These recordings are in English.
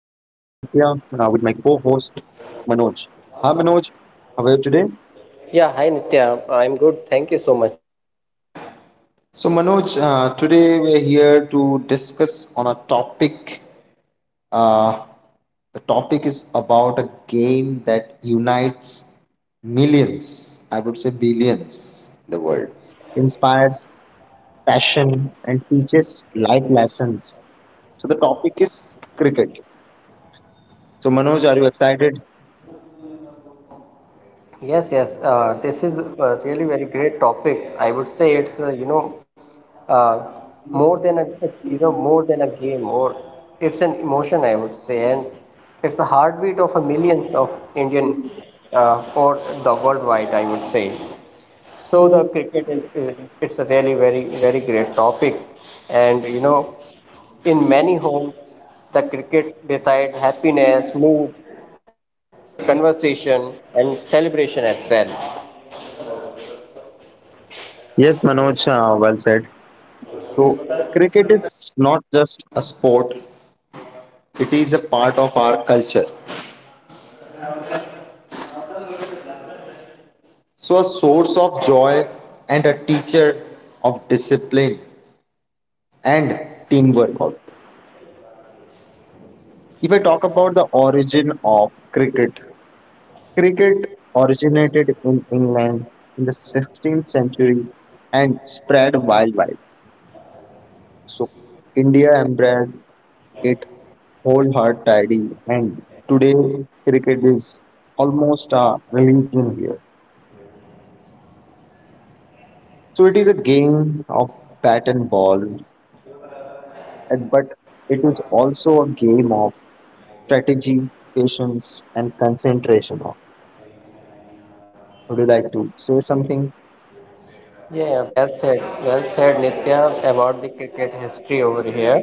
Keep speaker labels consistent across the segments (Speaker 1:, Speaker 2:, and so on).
Speaker 1: with my co-host Manoj. Hi Manoj, how are you today?
Speaker 2: Yeah, hi Nitya. I'm good. Thank you so much.
Speaker 1: So Manoj, today we're here to discuss on a topic. Uh, the topic is about a game that unites millions, I would say billions, in the world, inspires passion and teaches life lessons. So the topic is cricket. So Manoj, are you excited?
Speaker 2: Yes, yes. This is a really very great topic. I would say it's you know uh, more than a you know more than a game, or it's an emotion, I would say. And it's the heartbeat of a millions of Indian, or the worldwide, I would say. So the cricket is, it's a very great topic, and you know, in many homes, the cricket decides happiness, mood, conversation, and celebration as well.
Speaker 1: Yes, Manoj, well said. So, cricket is not just a sport, it is a part of our culture. So, a source of joy and a teacher of discipline and teamwork. Also. If I talk about the origin of cricket, cricket originated in England in the 16th century and spread worldwide. So, India embraced it wholeheartedly, and today cricket is almost a religion here. So it is a game of bat and ball, but it is also a game of strategy, patience, and concentration. Would you like to say something?
Speaker 2: Yeah, yeah, well said. Well said, Nitya, about the cricket history over here.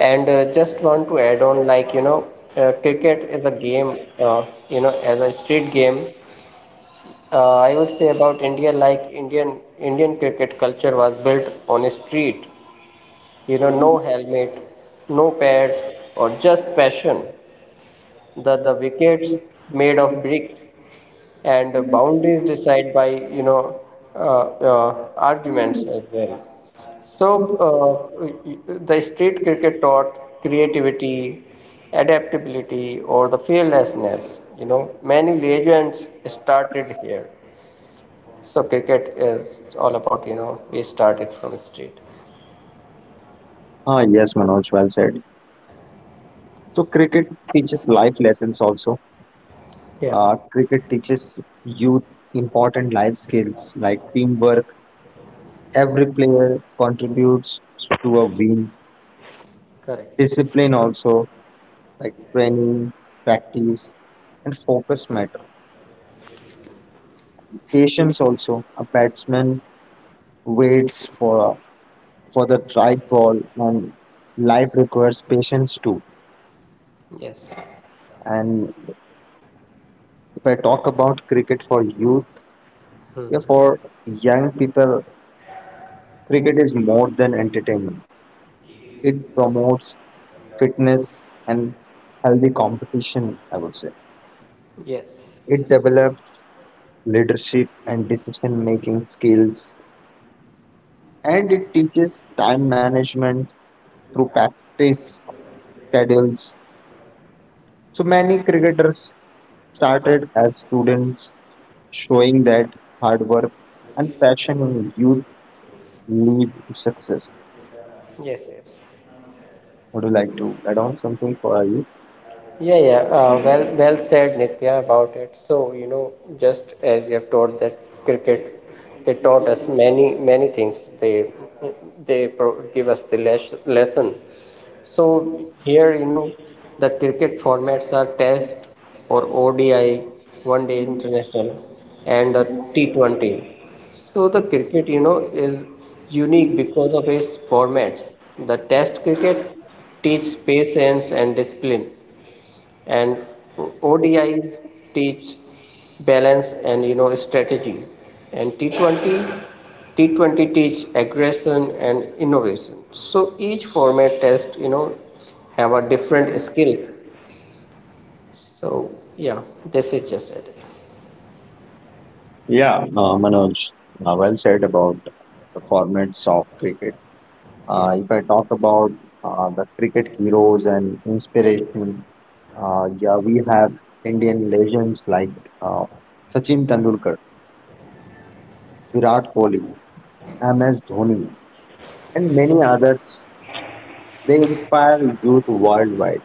Speaker 2: And just want to add on, like, you know, cricket is a game, you know, as a street game. I would say about India, like Indian cricket culture was built on a street. You know, no helmet, no pads, or just passion, the wickets made of bricks and the boundaries decided by, you know uh, uh, arguments as well. So the street cricket taught creativity, adaptability, or the fearlessness. You know, many legends started here. So cricket is all about, you know, we started from street.
Speaker 1: Ah, yes, Manoj, well said. So cricket teaches life lessons also.
Speaker 2: Yeah,
Speaker 1: Cricket teaches youth important life skills like teamwork. Every player contributes to a win.
Speaker 2: correct.
Speaker 1: Discipline also, like training, practice, and focus matter. Patience also. A batsman waits for the right ball and life requires patience too.
Speaker 2: Yes.
Speaker 1: And if I talk about cricket for youth, yeah,
Speaker 2: Hmm.
Speaker 1: for young people, cricket is more than entertainment. It promotes fitness and healthy competition, I would say.
Speaker 2: Yes.
Speaker 1: It
Speaker 2: Yes.
Speaker 1: develops leadership and decision making skills, and it teaches time management through practice schedules. So many cricketers started as students, showing that hard work and passion in you lead to success.
Speaker 2: Yes. Yes.
Speaker 1: Would you like to add on something for you?
Speaker 2: Yeah, yeah. Well said, Nitya, about it. So, you know, just as you have taught that cricket, they taught us many, many things. They give us the lesson. So here, you know, the cricket formats are Test or ODI, One Day International, and a T20. So the cricket, you know, is unique because of its formats. The Test cricket teaches patience and discipline, and ODIs teach balance and, you know, strategy, and T20 teach aggression and innovation. So each format test, you know, have a different skills. So yeah, this is just it.
Speaker 1: Yeah, Manoj, well said about the formats of cricket.
Speaker 2: Yeah.
Speaker 1: If I talk about the cricket heroes and inspiration, yeah, we have Indian legends like uh, Sachin Tendulkar, Virat Kohli, MS Dhoni, and many others. They inspire youth worldwide.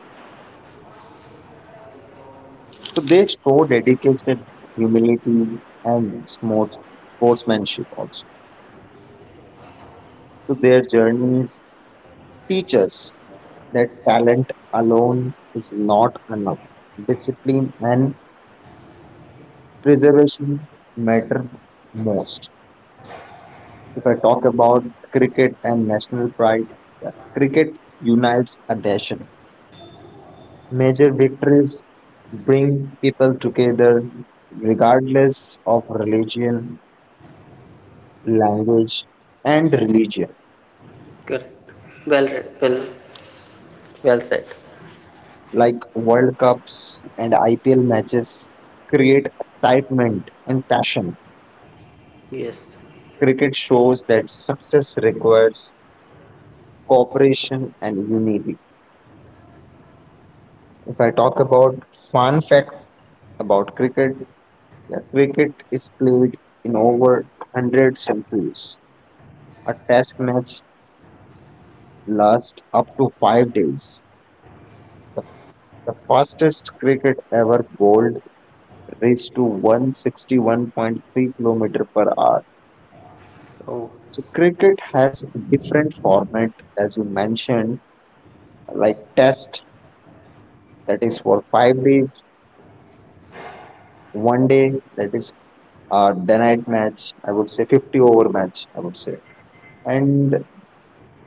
Speaker 1: So they show dedication, humility, and sportsmanship also. So their journeys teach us that talent alone is not enough. Discipline and preservation matter most. If I talk about cricket and national pride, yeah, cricket unites a nation. Major victories bring people together regardless of religion, language, and religion.
Speaker 2: Correct. Well read. Well said.
Speaker 1: Like World Cups and IPL matches create excitement and passion.
Speaker 2: Yes.
Speaker 1: Cricket shows that success requires cooperation and unity. If I talk about fun fact about cricket, yeah, cricket is played in over 100 centuries. A test match lasts up to 5 days. The, the fastest cricket ever bowled reached to 161.3 kilometer per hour.
Speaker 2: Oh,
Speaker 1: So cricket has a different format, as you mentioned, like test, that is for 5 days, one day, that is day night match, I would say 50 over match, I would say, and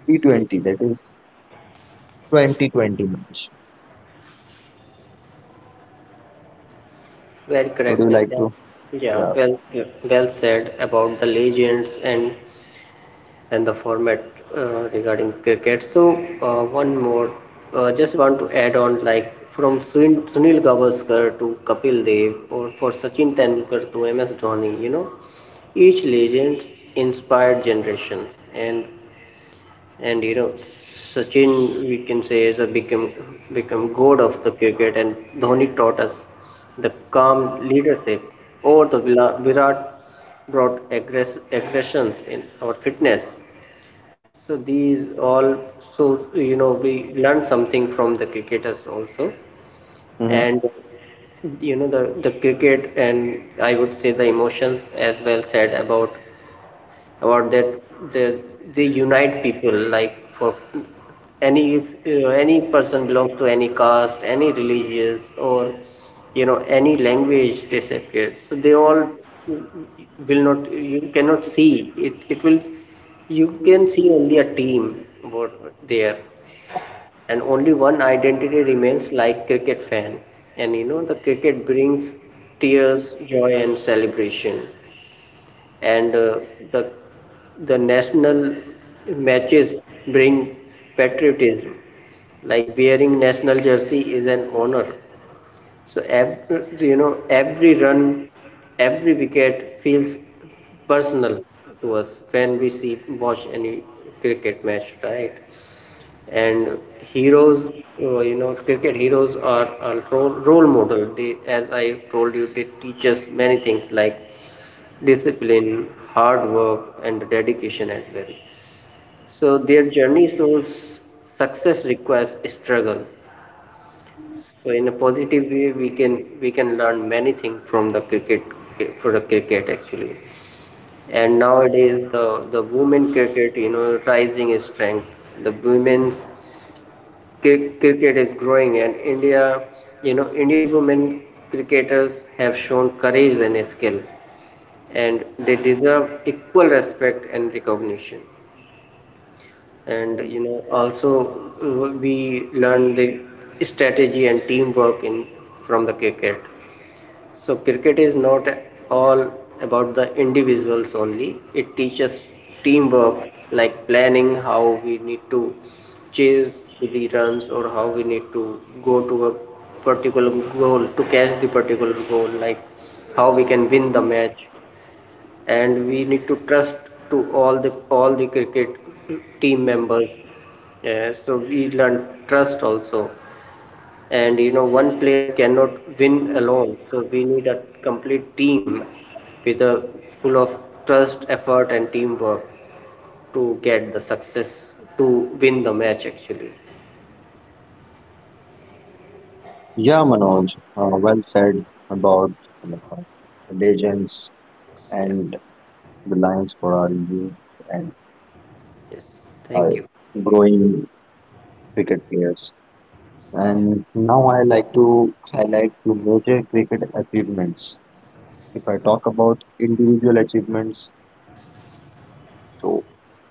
Speaker 1: T20, that is 2020 match.
Speaker 2: very
Speaker 1: Would you
Speaker 2: correct,
Speaker 1: like
Speaker 2: Nitya.
Speaker 1: to?
Speaker 2: Yeah.
Speaker 1: Yeah.
Speaker 2: Well said about the legends and the format regarding cricket. So one more, just want to add on, like from Sunil Gavaskar to Kapil Dev, or for Sachin Tendulkar to MS Dhoni. You know, each legend inspired generations, and you know, Sachin we can say is a become god of the cricket, and Dhoni taught us the calm leadership, or the Virat brought aggressions in our fitness. So these all, so you know, we learned something from the cricketers also,
Speaker 1: Hmm.
Speaker 2: and you know the cricket and I would say the emotions, as well said about that they unite people. Like for any, if you know, any person belongs to any caste, any religious, or you know, any language, they, so they all, will not, you cannot see it, it will, you can see only a team what there, and only one identity remains, like cricket fan. And you know, the cricket brings tears, joy and celebration, and the national matches bring patriotism, like wearing national jersey is an honor. So every, you know, every run, every wicket feels personal to us when we see, watch any cricket match, right? And heroes, you know, cricket heroes are a role model. They, as I told you, they teach us many things like discipline, hard work and dedication as well. So their journey shows success requires struggle. So in a positive way, we can learn many things from the cricket, for the cricket actually. And nowadays, the women cricket, you know, rising is strength. The women's cricket is growing, and India, you know, Indian women cricketers have shown courage and skill, and they deserve equal respect and recognition. And you know also, uh, we learn the strategy and teamwork in, from the cricket. So cricket is not all about the individuals only. It teaches teamwork, like planning how we need to chase the runs, or how we need to go to a particular goal, to catch the particular goal, like how we can win the match. And we need to trust to all the cricket team members. Yeah, so we learn trust also. And you know, one player cannot win alone, so we need a complete team with a full of trust, effort and teamwork, to get the success, to win the match actually.
Speaker 1: Yeah, Manoj, well said about uh, legends
Speaker 2: Yeah.
Speaker 1: and the lines for our youth and
Speaker 2: Yes.
Speaker 1: our
Speaker 2: Thank you.
Speaker 1: growing cricket players. And now I like to highlight the major cricket achievements. If I talk about individual achievements, so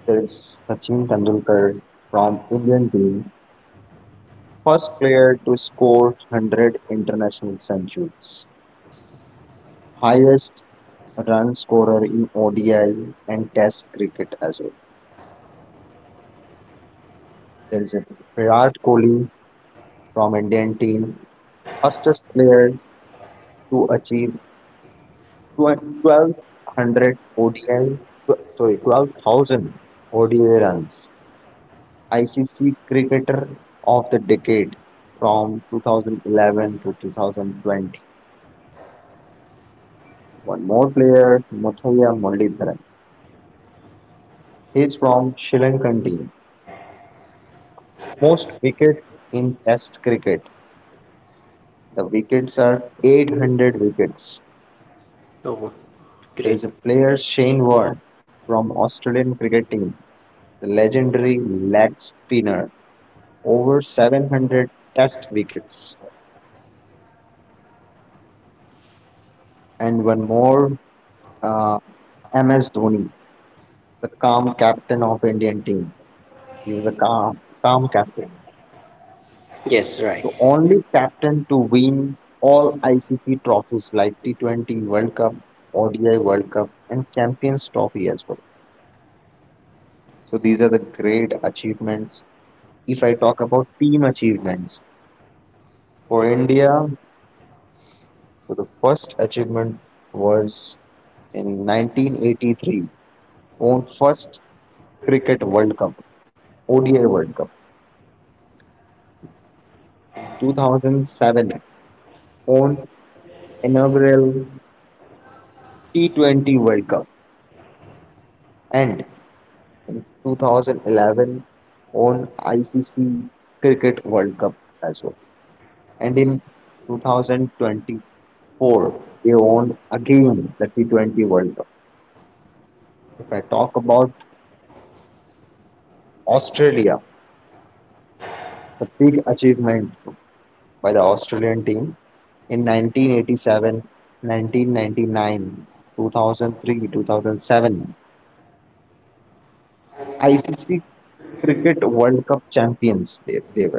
Speaker 1: there is Sachin Tendulkar from Indian team, first player to score 100 international centuries, highest run scorer in ODI and Test cricket as well. There is a Virat Kohli from Indian team, fastest player to achieve 1200 ODI, sorry, 12,000 ODI runs. ICC Cricketer of the Decade from 2011 to 2020. One more player, Muthaiya Muralidharan. He is from Sri Lankan team. Most wickets in Test cricket. The wickets are 800 wickets.
Speaker 2: Oh,
Speaker 1: There
Speaker 2: great.
Speaker 1: is a player Shane Warne from Australian cricket team, the legendary leg spinner, over 700 test wickets, and one more uh, MS Dhoni, the calm captain of Indian team. He was a calm captain.
Speaker 2: Yes, right.
Speaker 1: The only captain to win all ICC trophies like T20 World Cup, ODI World Cup, and Champions Trophy as well. So these are the great achievements. If I talk about team achievements for India, so the first achievement was in 1983, won first Cricket World Cup, ODI World Cup, 2007 own inaugural T20 World Cup, and in 2011 own ICC Cricket World Cup as well. And in 2024, they owned again the T20 World Cup. If I talk about Australia, the big achievement by the Australian team in 1987, 1999, 2003, 2007 ICC Cricket World Cup champions they were.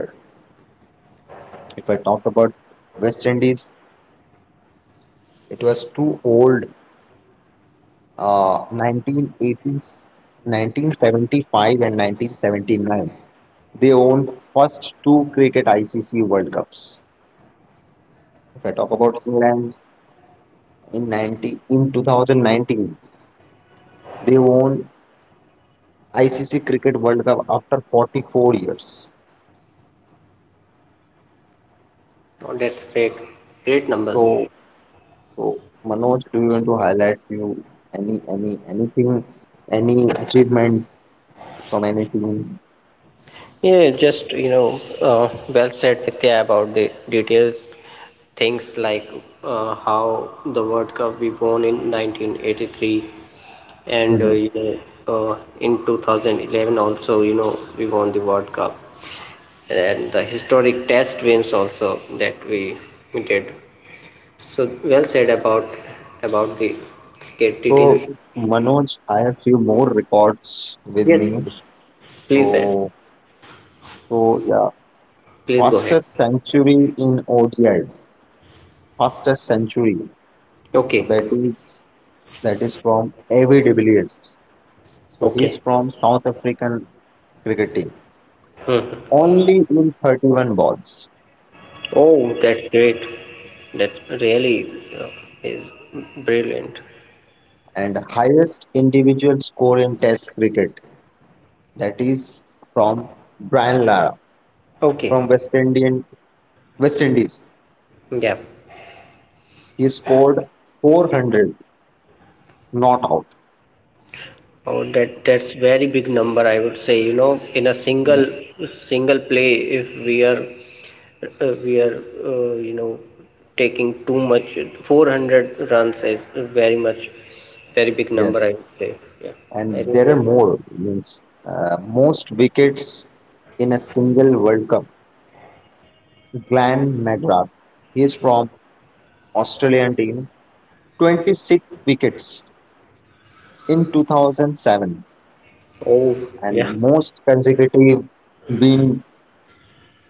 Speaker 1: If I talk about West Indies, it was too old. 1980s, 1975 and 1979. They own first two cricket ICC World Cups. If I talk about England in 90 in 2019, they won ICC Cricket World Cup after 44 years.
Speaker 2: Oh, that's great. Great
Speaker 1: So
Speaker 2: numbers.
Speaker 1: So, Manoj, do you want to highlight few any anything, any achievement from any team?
Speaker 2: Yeah, just you know, well said, Nitya, about the details. Things like how the World Cup we won in 1983, and
Speaker 1: Mhm.
Speaker 2: you know, in 2011 also, you know, we won the World Cup, and the historic Test wins also that we did. So well said about the cricket
Speaker 1: So,
Speaker 2: details.
Speaker 1: Manoj, I have few more records with
Speaker 2: Yes,
Speaker 1: me.
Speaker 2: please, Ed.
Speaker 1: So, so yeah,
Speaker 2: Please go ahead.
Speaker 1: fastest century in ODI, fastest century. So
Speaker 2: Okay.
Speaker 1: that is from AV de Villiers. So he's
Speaker 2: Okay.
Speaker 1: from South African cricket team.
Speaker 2: Hmm. Hmm.
Speaker 1: Only in 31 balls.
Speaker 2: Oh, that's great. That really uh, is brilliant.
Speaker 1: And highest individual score in Test cricket. That is from Brian Lara
Speaker 2: Okay.
Speaker 1: from West Indies.
Speaker 2: Yeah.
Speaker 1: He scored 400 not out.
Speaker 2: Oh, that's very big number, I would say. You know, in a single
Speaker 1: Mo-
Speaker 2: single play, if we are we are you know, taking too much, 400 runs is very much, very big number, I
Speaker 1: Yes,
Speaker 2: would say. Yeah. I
Speaker 1: and there
Speaker 2: really.
Speaker 1: are more means most wickets in a single World Cup. Glenn McGrath, he is from Australian team, 26 wickets in 2007.
Speaker 2: Oh, yeah.
Speaker 1: And most consecutive win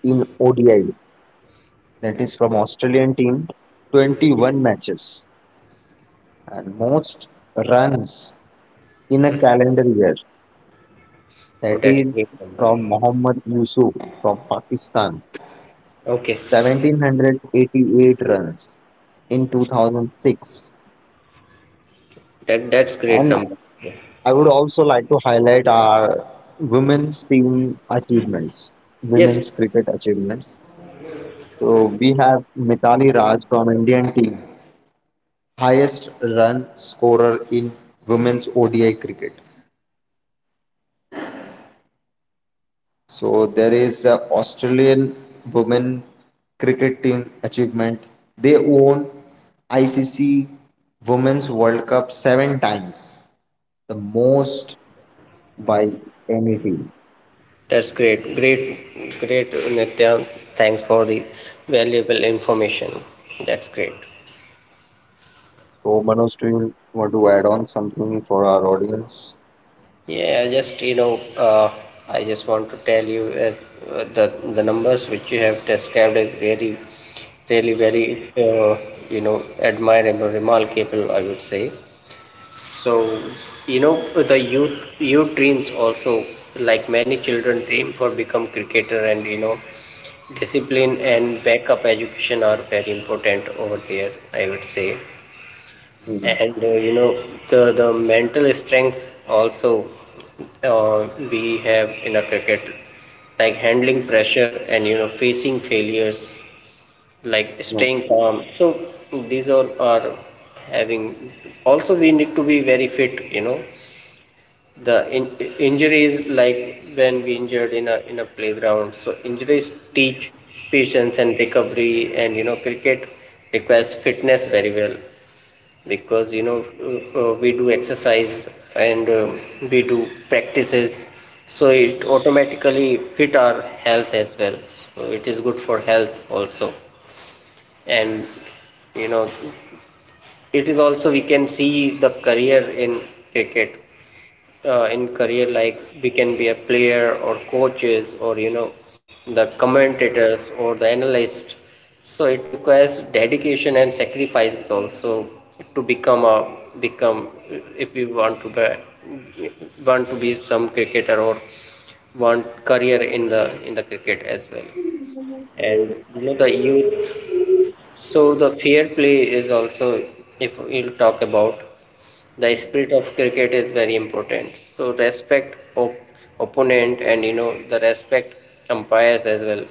Speaker 1: in ODI. That is from Australian team, 21 matches. And most runs in a calendar year.
Speaker 2: Oh,
Speaker 1: That
Speaker 2: that's
Speaker 1: is
Speaker 2: great number.
Speaker 1: from Mohammad Yusuf from Pakistan,
Speaker 2: Okay.
Speaker 1: 1788 runs in 2006.
Speaker 2: That's great number.
Speaker 1: And I would also like to highlight our women's team achievements,
Speaker 2: Yes.
Speaker 1: women's cricket achievements. So we have Mitali Raj from Indian team, highest run scorer in women's ODI cricket. So there is a Australian women cricket team achievement. They won ICC Women's World Cup 7 times, the most by any team.
Speaker 2: That's great. Great, great, Nitya. Thanks for the valuable information. That's great.
Speaker 1: So Manoj, do you want to add on something for our audience?
Speaker 2: Yeah, just you know, I just want to tell you as the numbers which you have described is very, really very, you know, admirable, remarkable, I would say. So you know, the youth dreams also, like many children dream for become cricketer. And you know, discipline and backup education are very important over there, I would say.
Speaker 1: Mhm.
Speaker 2: And you know, the mental strengths also, we have in a cricket, like handling pressure and you know, facing failures, like
Speaker 1: Yes.
Speaker 2: staying calm. So these all are having. Also, we need to be very fit, you know, the in, injuries, like when we injured in a playground, so injuries teach patience and recovery. And you know, cricket requires fitness very well, because you know, we do exercise, and we do practices, so it automatically fit our health as well. So it is good for health also. And you know, it is also we can see the career in cricket, in career, like we can be a player or coaches, or you know, the commentators or the analyst. So it requires dedication and sacrifices also, to become a become, if we want to be some cricketer, or want career in the cricket as well. And you know, the youth, so the fair play is also, if we'll talk about, the spirit of cricket is very important. So respect opponent, and you know, the respect umpires as well.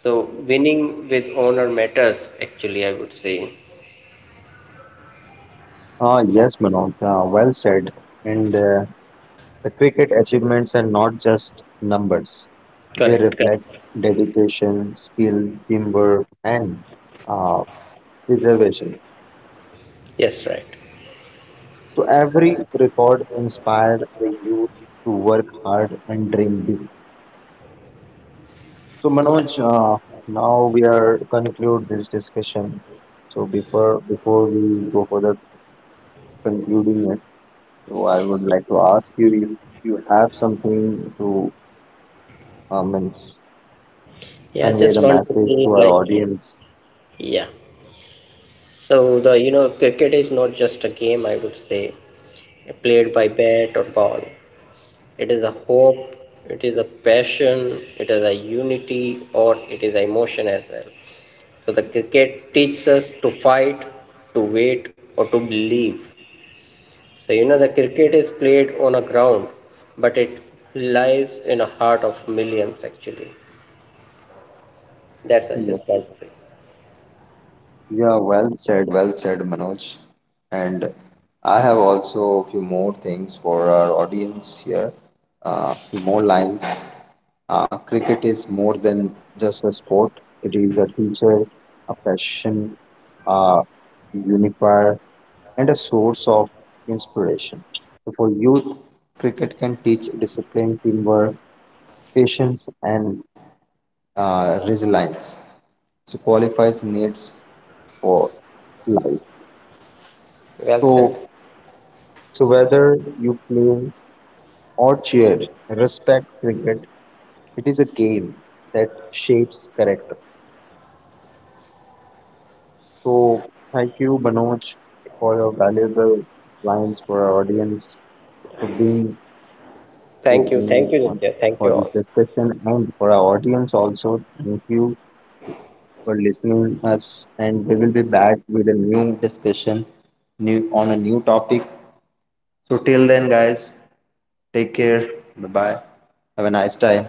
Speaker 2: So winning with honor matters actually, I would say.
Speaker 1: Ah, yes, Manoj. Ah, well said. And the cricket achievements are not just numbers; they
Speaker 2: Correct, correct.
Speaker 1: reflect dedication, skill, teamwork, and uh, preservation.
Speaker 2: Yes, right.
Speaker 1: So every record inspired the youth to work hard and dream big. So Manoj, now we are conclude this discussion. So before we go further concluding it, so I would like to ask you if you have something to um,
Speaker 2: Yeah, just
Speaker 1: convey the
Speaker 2: want to say,
Speaker 1: message to our
Speaker 2: like,
Speaker 1: audience.
Speaker 2: yeah, so the, you know, cricket is not just a game, I would say, played by bat or ball. It is a hope, it is a passion, it is a unity, or it is emotion as well. So the cricket teaches us to fight, to wait, or to believe. So you know, the cricket is played on a ground, but it lives in a heart of millions actually. That's, I just want to say.
Speaker 1: Yeah, well said, Manoj. And I have also a few more things for our audience here, a few more lines. Cricket is more than just a sport, it is a teacher, a passion, a unifier, and a source of inspiration. So for youth, cricket can teach discipline, teamwork, patience, and resilience. So qualifies needs for life.
Speaker 2: Well
Speaker 1: So
Speaker 2: said.
Speaker 1: So whether you play or cheer, respect cricket. It is a game that shapes character. So thank you, Manoj, for your valuable lines for our audience, for being with
Speaker 2: Thank you, thank
Speaker 1: me
Speaker 2: you,
Speaker 1: on,
Speaker 2: Nitya. Thank
Speaker 1: for
Speaker 2: you
Speaker 1: this
Speaker 2: all.
Speaker 1: discussion, and for our audience also. Thank you for listening us, and we will be back with a new discussion, new on a new topic. So till then, guys, take care. Bye bye. Have a nice time.